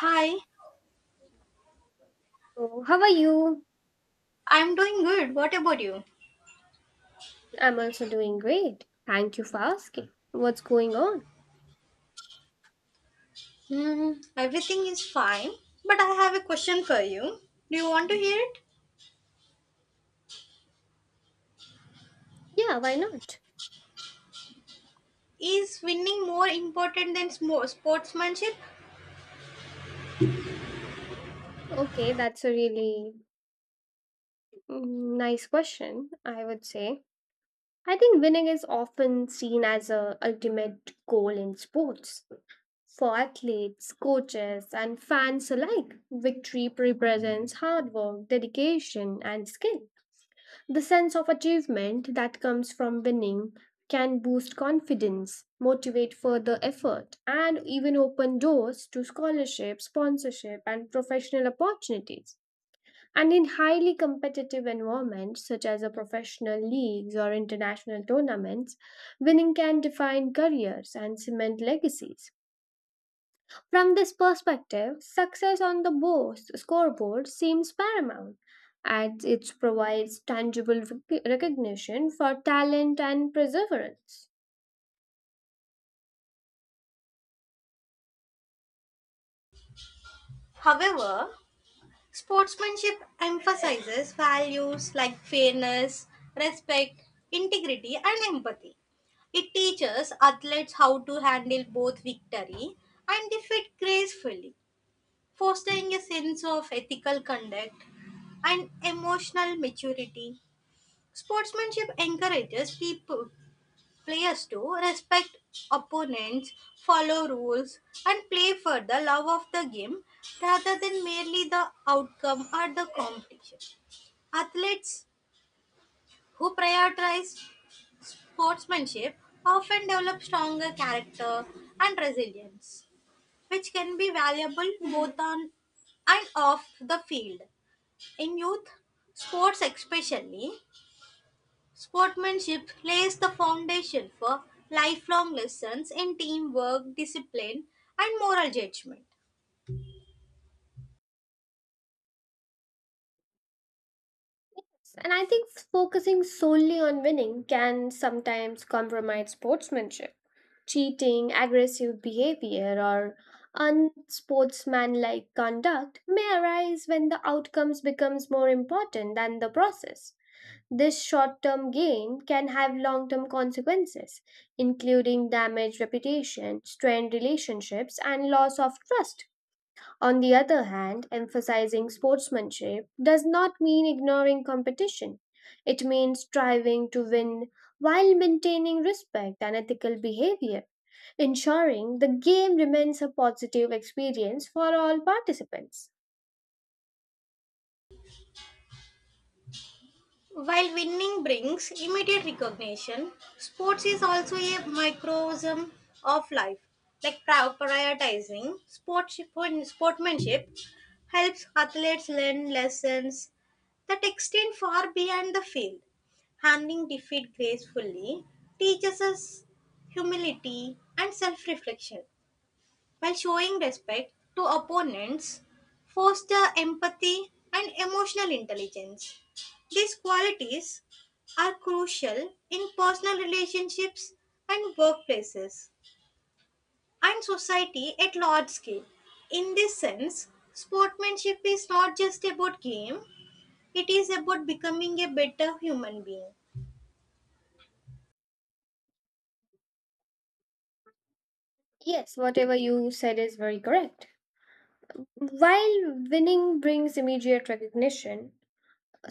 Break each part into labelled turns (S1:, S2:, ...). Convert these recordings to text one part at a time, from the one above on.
S1: Hi,
S2: So, how are you?
S1: I'm doing good. What about you?
S2: I'm also doing great. Thank you for asking. What's going on?
S1: Everything is fine, but I have a question for you. Do you want to hear it?
S2: Yeah, why not?
S1: Is winning more important than sportsmanship?
S2: Okay, that's a really nice question, I would say. I think winning is often seen as a ultimate goal in sports. For athletes, coaches, and fans alike, victory represents hard work, dedication, and skill. The sense of achievement that comes from winning can boost confidence, motivate further effort, and even open doors to scholarship, sponsorship, and professional opportunities. And in highly competitive environments such as a professional leagues or international tournaments, winning can define careers and cement legacies. From this perspective, success on the scoreboard seems paramount, as it provides tangible recognition for talent and perseverance.
S1: However, sportsmanship emphasizes values like fairness, respect, integrity, and empathy. It teaches athletes how to handle both victory and defeat gracefully, fostering a sense of ethical conduct and emotional maturity. Sportsmanship encourages people, players to respect opponents, follow rules, and play for the love of the game rather than merely the outcome or the competition. Athletes who prioritize sportsmanship often develop stronger character and resilience, which can be valuable both on and off the field. In youth sports, especially, sportsmanship lays the foundation for lifelong lessons in teamwork, discipline, and moral judgment.
S2: And I think focusing solely on winning can sometimes compromise sportsmanship. Cheating, aggressive behavior, or unsportsmanlike conduct may arise when the outcomes becomes more important than the process. This short term gain can have long term consequences, including damaged reputation, strained relationships, and loss of trust. On the other hand, emphasizing sportsmanship does not mean ignoring competition. It means striving to win while maintaining respect and ethical behavior, ensuring the game remains a positive experience for all participants.
S1: While winning brings immediate recognition, sports is also a microcosm of life. Like prioritizing sports, sportsmanship helps athletes learn lessons that extend far beyond the field. Handling defeat gracefully teaches us humility and self reflection, while showing respect to opponents, foster empathy and emotional intelligence. These qualities are crucial in personal relationships and workplaces and society at large scale. In this sense, sportsmanship is not just about game, it is about becoming a better human being.
S2: Yes, whatever you said is very correct. While winning brings immediate recognition,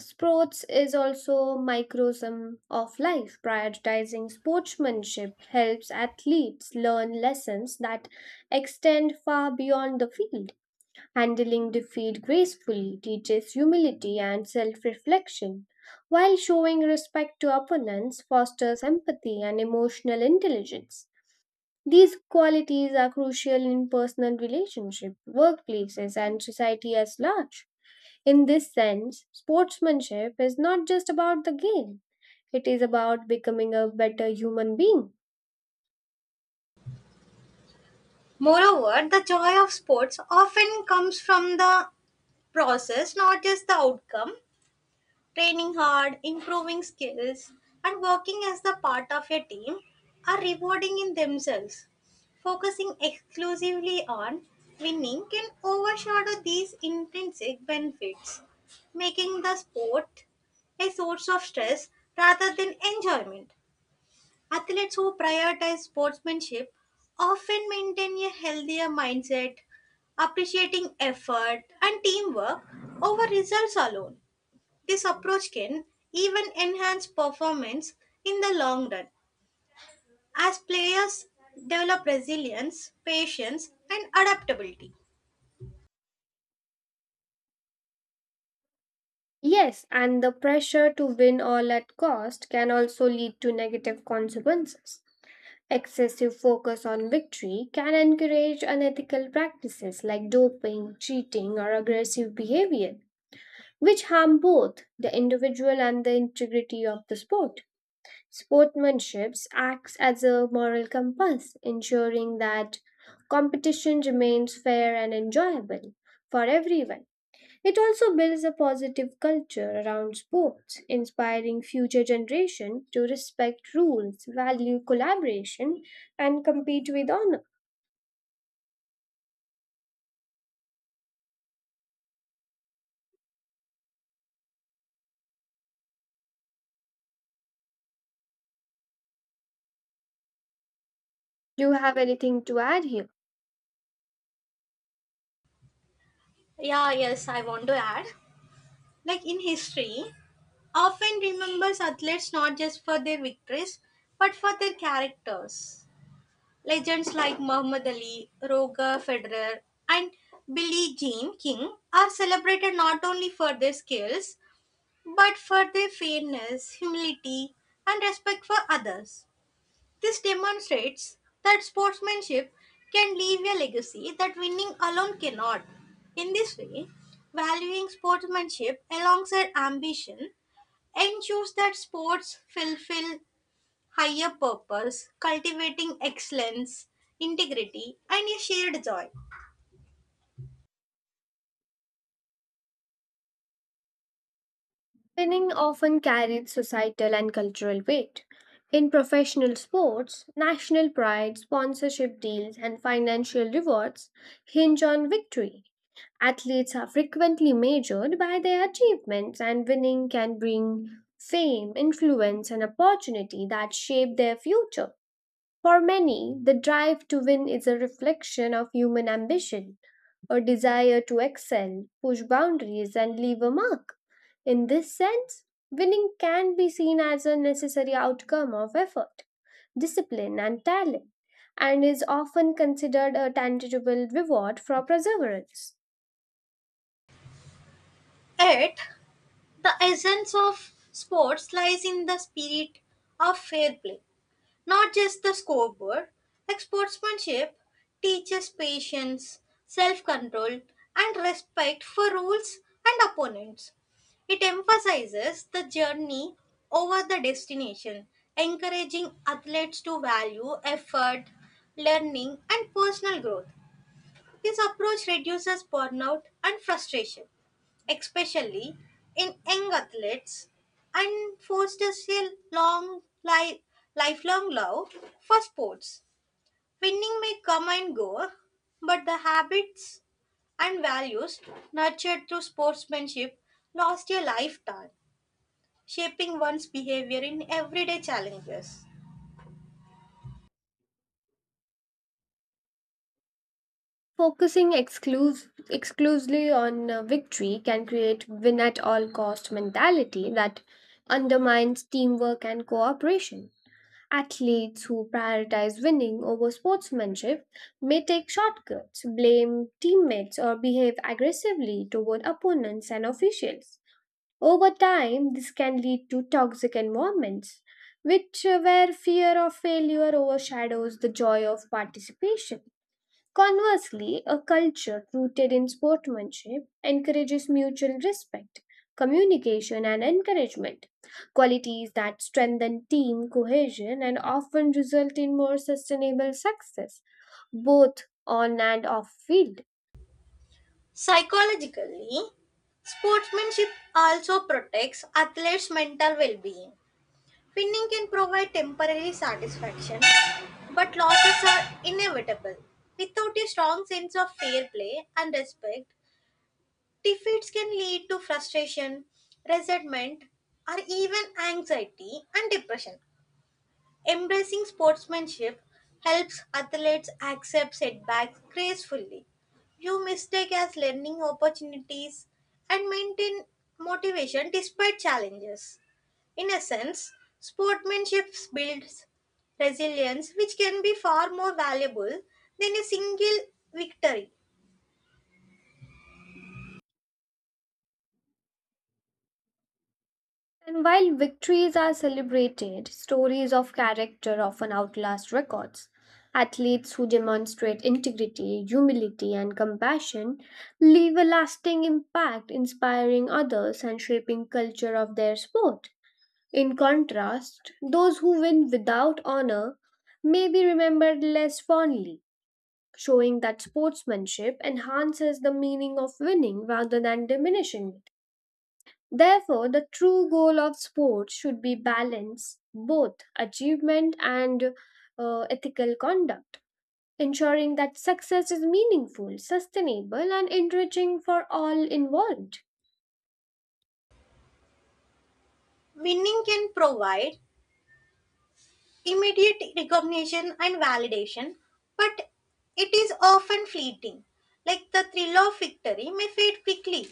S2: sports is also microcosm of life. Prioritizing sportsmanship helps athletes learn lessons that extend far beyond the field. Handling defeat gracefully teaches humility and self-reflection, while showing respect to opponents fosters empathy and emotional intelligence. These qualities are crucial in personal relationships, workplaces, and society as large. In this sense, sportsmanship is not just about the game, it is about becoming a better human being.
S1: Moreover, the joy of sports often comes from the process, not just the outcome. Training hard, improving skills, and working as the part of a team are rewarding in themselves. Focusing exclusively on winning can overshadow these intrinsic benefits, making the sport a source of stress rather than enjoyment. Athletes who prioritize sportsmanship often maintain a healthier mindset, appreciating effort and teamwork over results alone. This approach can even enhance performance in the long run as players develop resilience, patience, and adaptability.
S2: Yes, and the pressure to win all at cost can also lead to negative consequences. Excessive focus on victory can encourage unethical practices like doping, cheating, or aggressive behavior, which harm both the individual and the integrity of the sport. Sportsmanship acts as a moral compass, ensuring that competition remains fair and enjoyable for everyone. It also builds a positive culture around sports, inspiring future generations to respect rules, value collaboration, and compete with honor. Do you have anything to add here?
S1: Yeah, yes, I want to add. Like in history, often remembers athletes not just for their victories but for their characters. Legends like Muhammad Ali, Roger Federer, and Billie Jean King are celebrated not only for their skills but for their fairness, humility, and respect for others. This demonstrates that sportsmanship can leave a legacy that winning alone cannot. In this way, valuing sportsmanship alongside ambition ensures that sports fulfill higher purpose, cultivating excellence, integrity, and a shared joy.
S2: Winning often carried societal and cultural weight. In professional sports, national pride, sponsorship deals, and financial rewards hinge on victory. Athletes are frequently measured by their achievements, and winning can bring fame, influence, and opportunity that shape their future. For many, the drive to win is a reflection of human ambition or desire to excel, push boundaries, and leave a mark. In this sense, winning can be seen as a necessary outcome of effort, discipline, and talent, and is often considered a tangible reward for perseverance.
S1: Yet, the essence of sports lies in the spirit of fair play, not just the scoreboard. Like sportsmanship teaches patience, self control, and respect for rules and opponents. It emphasizes the journey over the destination, encouraging athletes to value effort, learning, and personal growth. This approach reduces burnout and frustration, especially in young athletes, and fosters a long li- lifelong love for sports. Winning may come and go, but the habits and values nurtured through sportsmanship last a lifetime, shaping one's behavior in everyday challenges.
S2: Focusing exclusively on victory can create win at all cost mentality that undermines teamwork and cooperation. Athletes who prioritize winning over sportsmanship may take shortcuts, blame teammates, or behave aggressively toward opponents and officials. Over time, this can lead to toxic environments, which where fear of failure overshadows the joy of participation. Conversely, a culture rooted in sportsmanship encourages mutual respect, communication, and encouragement, qualities that strengthen team cohesion and often result in more sustainable success, both on and off field.
S1: Psychologically, sportsmanship also protects athletes' mental well being. Pinning can provide temporary satisfaction, but losses are inevitable. Without a strong sense of fair play and respect, defeats can lead to frustration, resentment, or even anxiety and depression. Embracing sportsmanship helps athletes accept setbacks gracefully, view mistakes as learning opportunities, and maintain motivation despite challenges. In a sense, sportsmanship builds resilience, which can be far more valuable than a single victory.
S2: And while victories are celebrated, stories of character often outlast records. Athletes who demonstrate integrity, humility, and compassion leave a lasting impact, inspiring others and shaping culture of their sport. In contrast, those who win without honor may be remembered less fondly, showing that sportsmanship enhances the meaning of winning rather than diminishing it. Therefore, the true goal of sport should be balance, both achievement and ethical conduct, ensuring that success is meaningful, sustainable, and enriching for all involved.
S1: Winning can provide immediate recognition and validation, but it is often fleeting. Like the thrill of victory may fade quickly,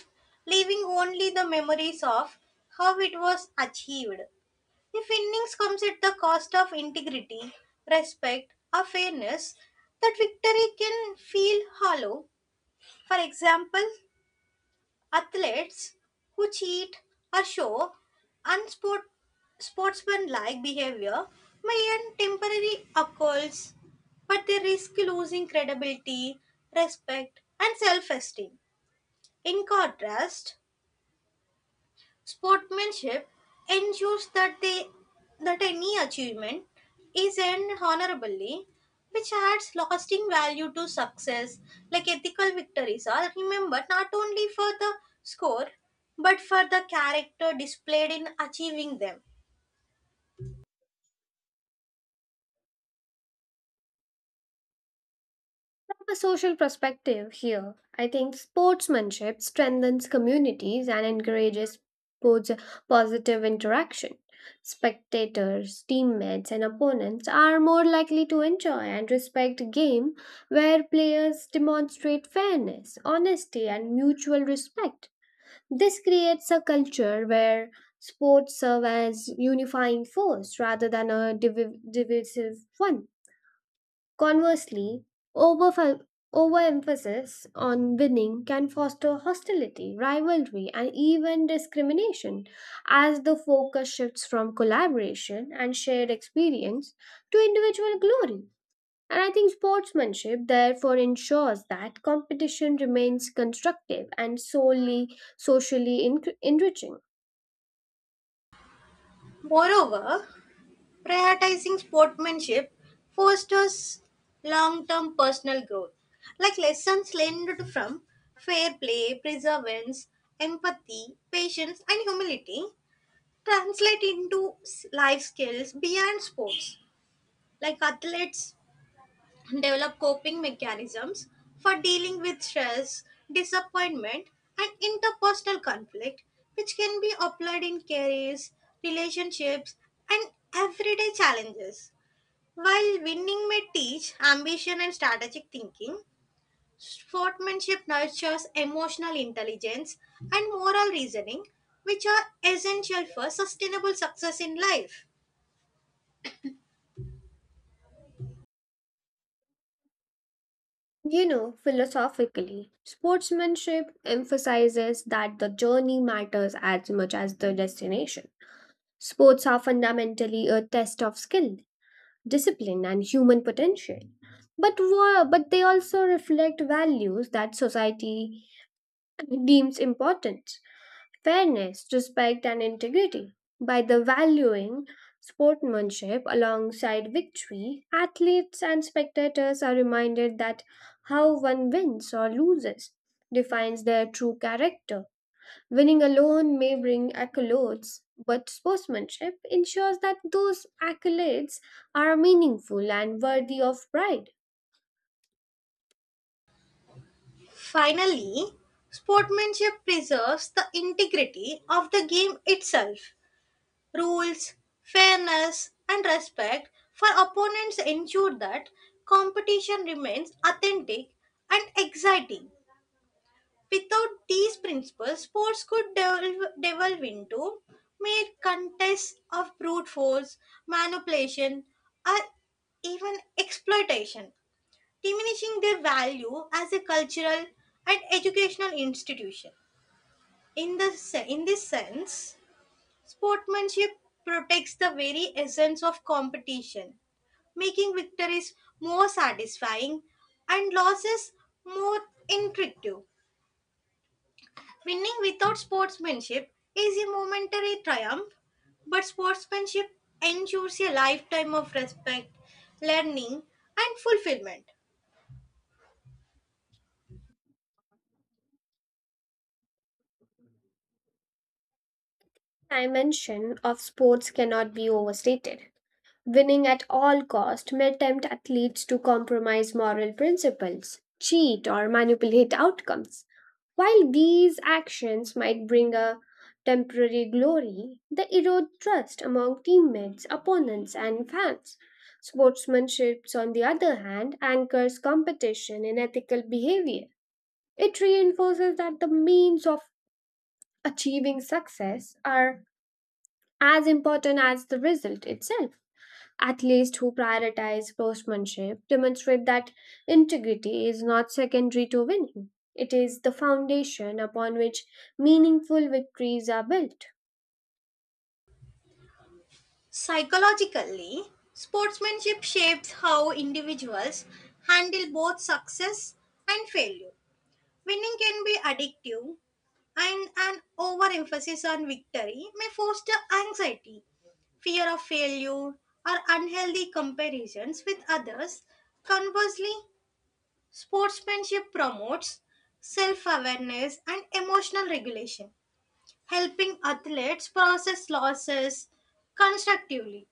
S1: leaving only the memories of how it was achieved. If innings comes at the cost of integrity, respect, or fairness, that victory can feel hollow. For example, athletes who cheat or show unsport sportsmanlike behavior may earn temporary accolades, but they risk losing credibility, respect, and self-esteem. In contrast, sportsmanship ensures that any achievement is earned honorably, which adds lasting value to success. Like ethical victories are remembered not only for the score but for the character displayed in achieving them.
S2: From a social perspective here, I think sportsmanship strengthens communities and encourages both positive interaction. Spectators, teammates, and opponents are more likely to enjoy and respect a game where players demonstrate fairness, honesty, and mutual respect. This creates a culture where sports serve as unifying force rather than a divisive one. Conversely, overf- overemphasis on winning can foster hostility, rivalry, and even discrimination as the focus shifts from collaboration and shared experience to individual glory. And I think sportsmanship therefore ensures that competition remains constructive and solely socially enriching.
S1: Moreover, prioritizing sportsmanship fosters long-term personal growth, like lessons learned from fair play, perseverance, empathy, patience, and humility translate into life skills beyond sports. Like athletes develop coping mechanisms for dealing with stress, disappointment, and interpersonal conflict, which can be applied in careers, relationships, and everyday challenges. While winning may teach ambition and strategic thinking, sportsmanship nurtures emotional intelligence and moral reasoning, which are essential for sustainable success in life.
S2: You know, philosophically, sportsmanship emphasizes that the journey matters as much as the destination. Sports are fundamentally a test of skill, discipline, and human potential. But they also reflect values that society deems important: fairness, respect, and integrity. By the valuing sportsmanship alongside victory, athletes and spectators are reminded that how one wins or loses defines their true character. Winning alone may bring accolades, but sportsmanship ensures that those accolades are meaningful and worthy of pride.
S1: Finally, sportsmanship preserves the integrity of the game itself. Rules, fairness, and respect for opponents ensure that competition remains authentic and exciting. Without these principles, sports could devolve into mere contests of brute force, manipulation, or even exploitation, diminishing their value as a cultural and educational institution. In this sense, sportsmanship protects the very essence of competition, making victories more satisfying and losses more intricate. Winning without sportsmanship is a momentary triumph, but sportsmanship ensures a lifetime of respect, learning, and fulfillment.
S2: Dimension of sports cannot be overstated. Winning at all cost may tempt athletes to compromise moral principles, cheat or manipulate outcomes. While these actions might bring a temporary glory, they erode trust among teammates, opponents, and fans. Sportsmanship, on the other hand, anchors competition in ethical behavior. It reinforces that the means of achieving success are as important as the result itself. Athletes who prioritize sportsmanship demonstrate that integrity is not secondary to winning, it is the foundation upon which meaningful victories are built.
S1: Psychologically, sportsmanship shapes how individuals handle both success and failure. Winning can be addictive, and an overemphasis on victory may foster anxiety, fear of failure, or unhealthy comparisons with others. Conversely, sportsmanship promotes self awareness and emotional regulation, helping athletes process losses constructively.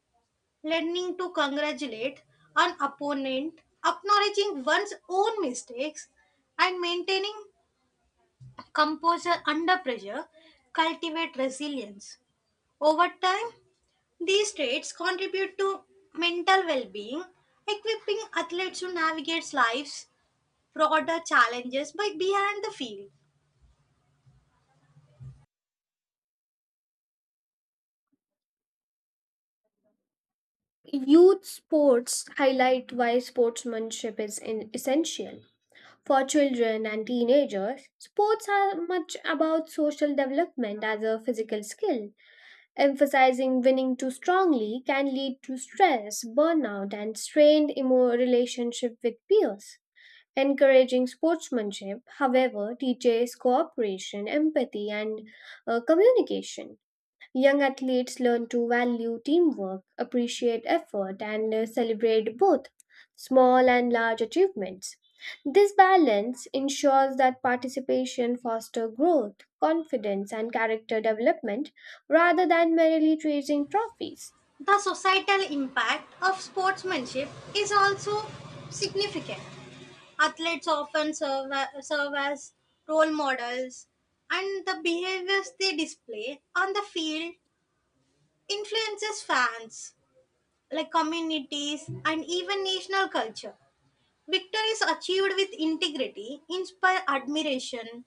S1: Learning to congratulate an opponent, acknowledging one's own mistakes, and maintaining composure under pressure cultivate resilience. Over time, these traits contribute to mental well being, equipping athletes to navigate life's broader challenges by beyond the field.
S2: Youth sports highlight why sportsmanship is essential. For children and teenagers, sports are much about social development as a physical skill. Emphasizing winning too strongly can lead to stress, burnout, and strained relationship with peers. Encouraging sportsmanship, however, teaches cooperation, empathy, and communication. Young athletes learn to value teamwork, appreciate effort, and celebrate both small and large achievements. This balance ensures that participation fosters growth, confidence, and character development rather than merely chasing trophies.
S1: The societal impact of sportsmanship is also significant. Athletes often serve as role models, and the behaviors they display on the field influences fans, like communities, and even national culture. Victories achieved with integrity inspire admiration,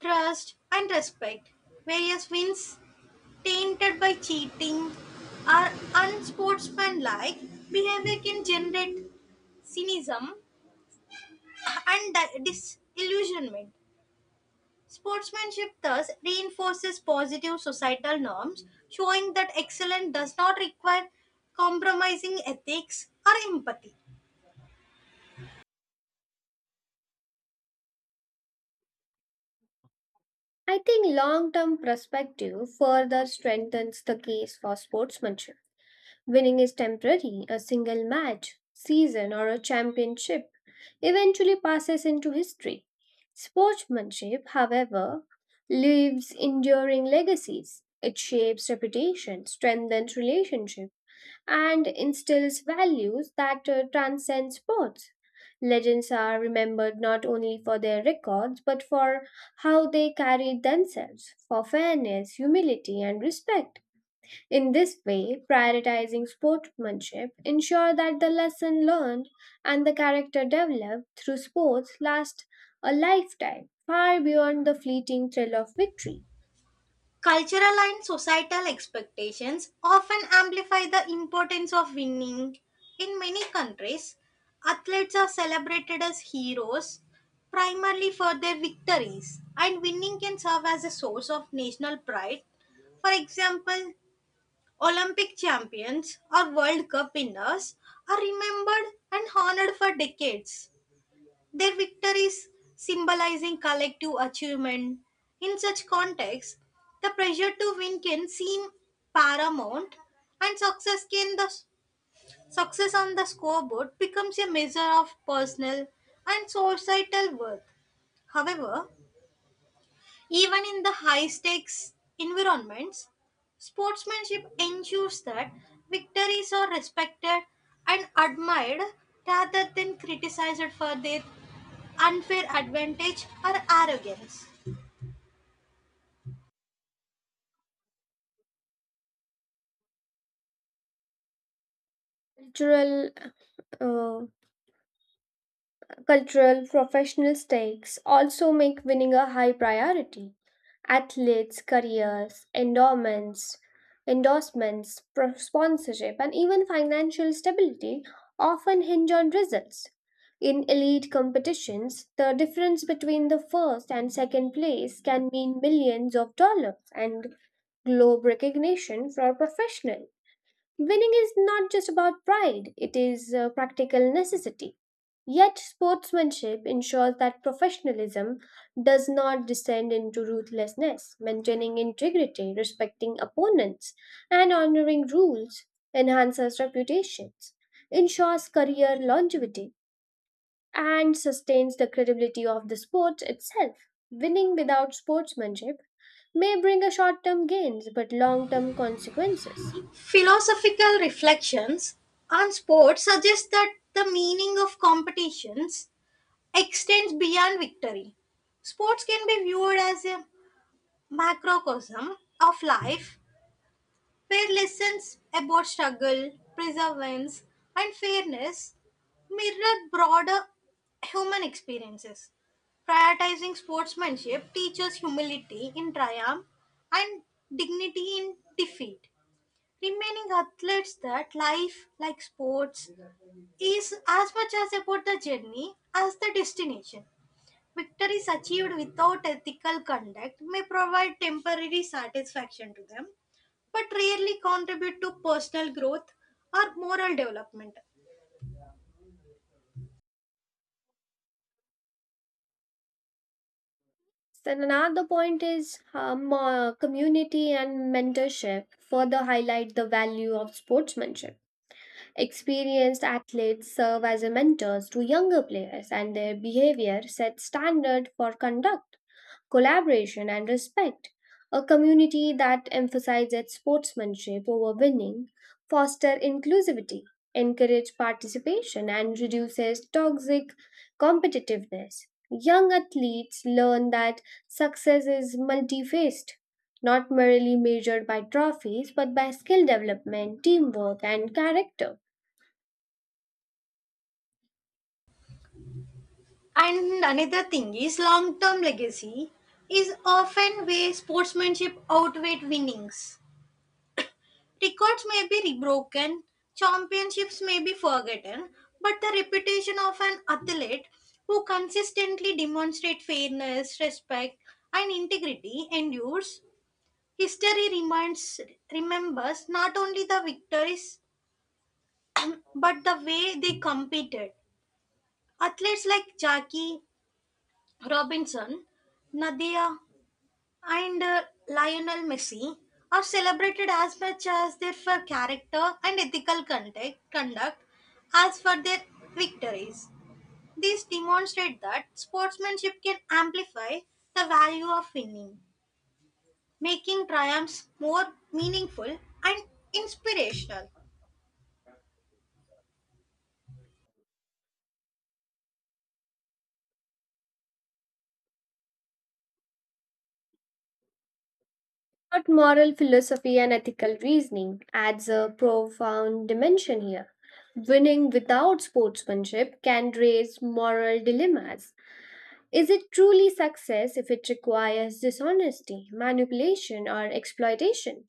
S1: trust, and respect. Various wins tainted by cheating or unsportsmanlike behavior can generate cynicism and disillusionment. Sportsmanship thus reinforces positive societal norms, showing that excellence does not require compromising ethics or empathy.
S2: I think long term perspective further strengthens the case for sportsmanship. Winning is temporary, a single match, season, or a championship eventually passes into history. Sportsmanship, however, leaves enduring legacies. It shapes reputation, strengthens relationships, and instills values that transcend sports. Legends are remembered not only for their records but for how they carried themselves, for fairness, humility, and respect. In this way, prioritizing sportsmanship ensure that the lesson learned and the character developed through sports last a lifetime, far beyond the fleeting thrill of victory.
S1: Cultural and societal expectations often amplify the importance of winning. In many countries, athletes are celebrated as heroes primarily for their victories, and winning can serve as a source of national pride. For example, Olympic champions or World Cup winners are remembered and honored for decades. Their victories symbolizing collective achievement. In such context, the pressure to win can seem paramount, and success on the scoreboard becomes a measure of personal and societal worth. However, even in the high stakes environments, sportsmanship ensures that victories are respected and admired rather than criticized for their unfair advantage or arrogance.
S2: Cultural uh, Cultural professional stakes also make winning a high priority. Athletes, careers, endowments, endorsements, sponsorship, and even financial stability often hinge on results. In elite competitions, the difference between the first and second place can mean millions of dollars and globe recognition for professionals. Winning is not just about pride, it is a practical necessity. Yet, sportsmanship ensures that professionalism does not descend into ruthlessness, maintaining integrity, respecting opponents, and honoring rules enhances reputations, ensures career longevity, and sustains the credibility of the sport itself. Winning without sportsmanship may bring a short term gains but long term consequences.
S1: Philosophical reflections on sports suggest that the meaning of competitions extends beyond victory. Sports can be viewed as a macrocosm of life where lessons about struggle, perseverance, and fairness mirror broader human experiences. Prioritizing sportsmanship teaches humility in triumph and dignity in defeat, remaining athletes that life, like sports, is as much as about the journey as the destination. Victories achieved without ethical conduct may provide temporary satisfaction to them, but rarely contribute to personal growth or moral development.
S2: So another point is community and mentorship further highlight the value of sportsmanship. Experienced athletes serve as a mentors to younger players and their behavior sets standard for conduct, collaboration, and respect. A community that emphasizes sportsmanship over winning fosters inclusivity, encourages participation, and reduces toxic competitiveness. Young athletes learn that success is multi-faced, not merely measured by trophies but by skill development, teamwork, and character.
S1: And another thing is long term legacy is often where sportsmanship outweighed winnings. Records may be broken, championships may be forgotten, but the reputation of an athlete who consistently demonstrates fairness, respect, and integrity endures. History remembers not only the victories but the way they competed. Athletes like Jackie Robinson, Nadia, and Lionel Messi are celebrated as much as their for character and ethical conduct as for their victories. These demonstrate that sportsmanship can amplify the value of winning, making triumphs more meaningful and inspirational.
S2: But moral philosophy and ethical reasoning adds a profound dimension here. Winning without sportsmanship can raise moral dilemmas. Is it truly success if it requires dishonesty, manipulation, or exploitation?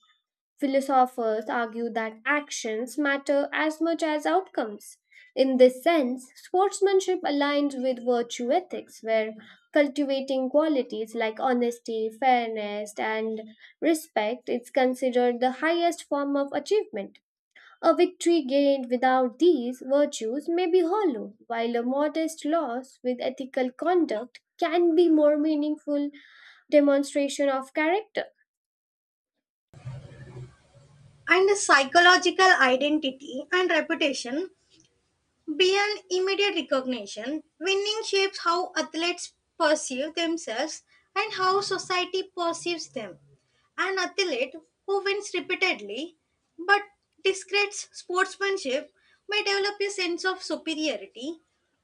S2: Philosophers argue that actions matter as much as outcomes. In this sense, sportsmanship aligns with virtue ethics, where cultivating qualities like honesty, fairness, and respect is considered the highest form of achievement. A victory gained without these virtues may be hollow, while a modest loss with ethical conduct can be more meaningful demonstration of character.
S1: And the psychological identity and reputation, beyond immediate recognition, winning shapes how athletes perceive themselves and how society perceives them. An athlete who wins repeatedly but discredits sportsmanship may develop a sense of superiority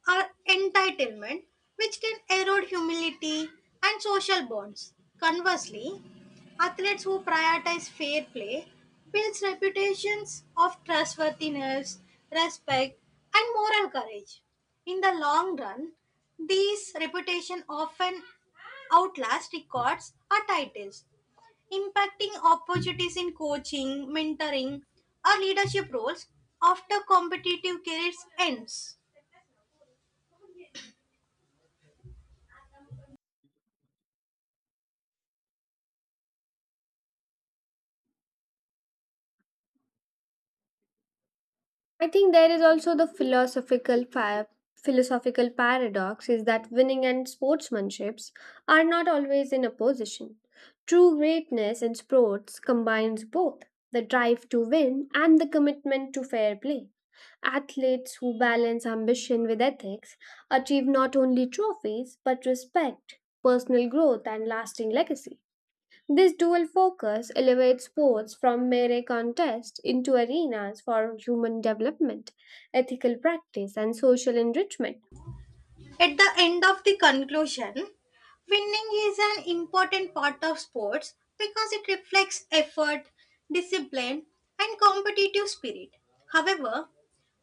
S1: or entitlement, which can erode humility and social bonds. Conversely, athletes who prioritize fair play builds reputations of trustworthiness, respect, and moral courage. In the long run, these reputation often outlast records or titles, impacting opportunities in coaching, mentoring, or leadership roles after competitive careers ends.
S2: I think there is also the philosophical paradox is that winning and sportsmanships are not always in opposition. True greatness in sports combines both the drive to win and the commitment to fair play. Athletes who balance ambition with ethics achieve not only trophies but respect, personal growth, and lasting legacy. This dual focus elevates sports from mere contest into arenas for human development, ethical practice, and social enrichment.
S1: At the end of the conclusion, winning is an important part of sports because it reflects effort, discipline, and competitive spirit. However,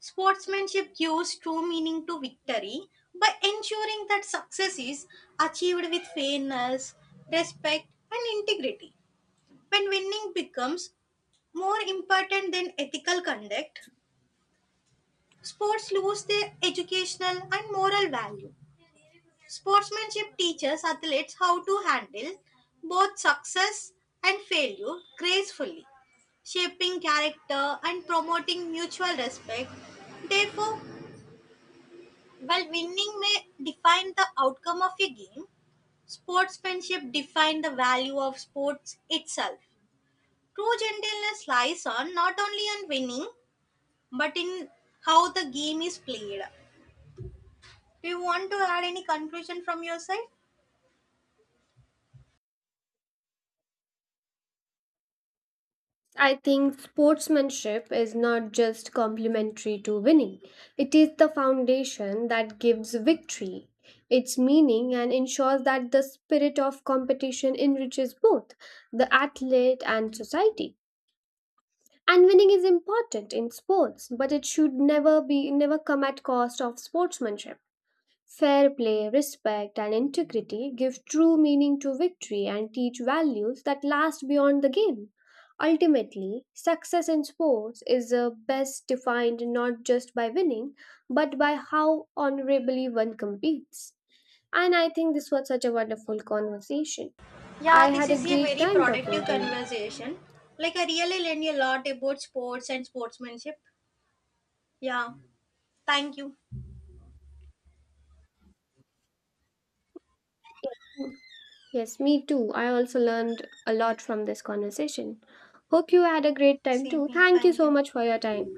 S1: sportsmanship gives true meaning to victory by ensuring that success is achieved with fairness, respect, and integrity. When winning becomes more important than ethical conduct, sports lose their educational and moral value. Sportsmanship teaches athletes how to handle both success and failure gracefully, shaping character and promoting mutual respect. Therefore, while winning may define the outcome of a game, sportsmanship defines the value of sports itself. True gentleness lies on not only on winning but in how the game is played. Do you want to add any conclusion from your side?
S2: I think sportsmanship is not just complementary to winning, it is the foundation that gives victory its meaning and ensures that the spirit of competition enriches both the athlete and society. And winning is important in sports, but it should never be never come at cost of sportsmanship. Fair play, respect, and integrity give true meaning to victory and teach values that last beyond the game. Ultimately, success in sports is best defined not just by winning, but by how honorably one competes. And I think this was such a wonderful conversation. I
S1: Yeah, this
S2: had a
S1: is a
S2: great
S1: very
S2: time talking
S1: productive
S2: to you.
S1: conversation. Like, I really learned a lot about sports and sportsmanship. Yeah, thank you.
S2: Yes, me too. I also learned a lot from this conversation. Hope you had a great time
S1: Same
S2: too.
S1: here.
S2: Thank you
S1: Thank
S2: so
S1: you.
S2: much for your time.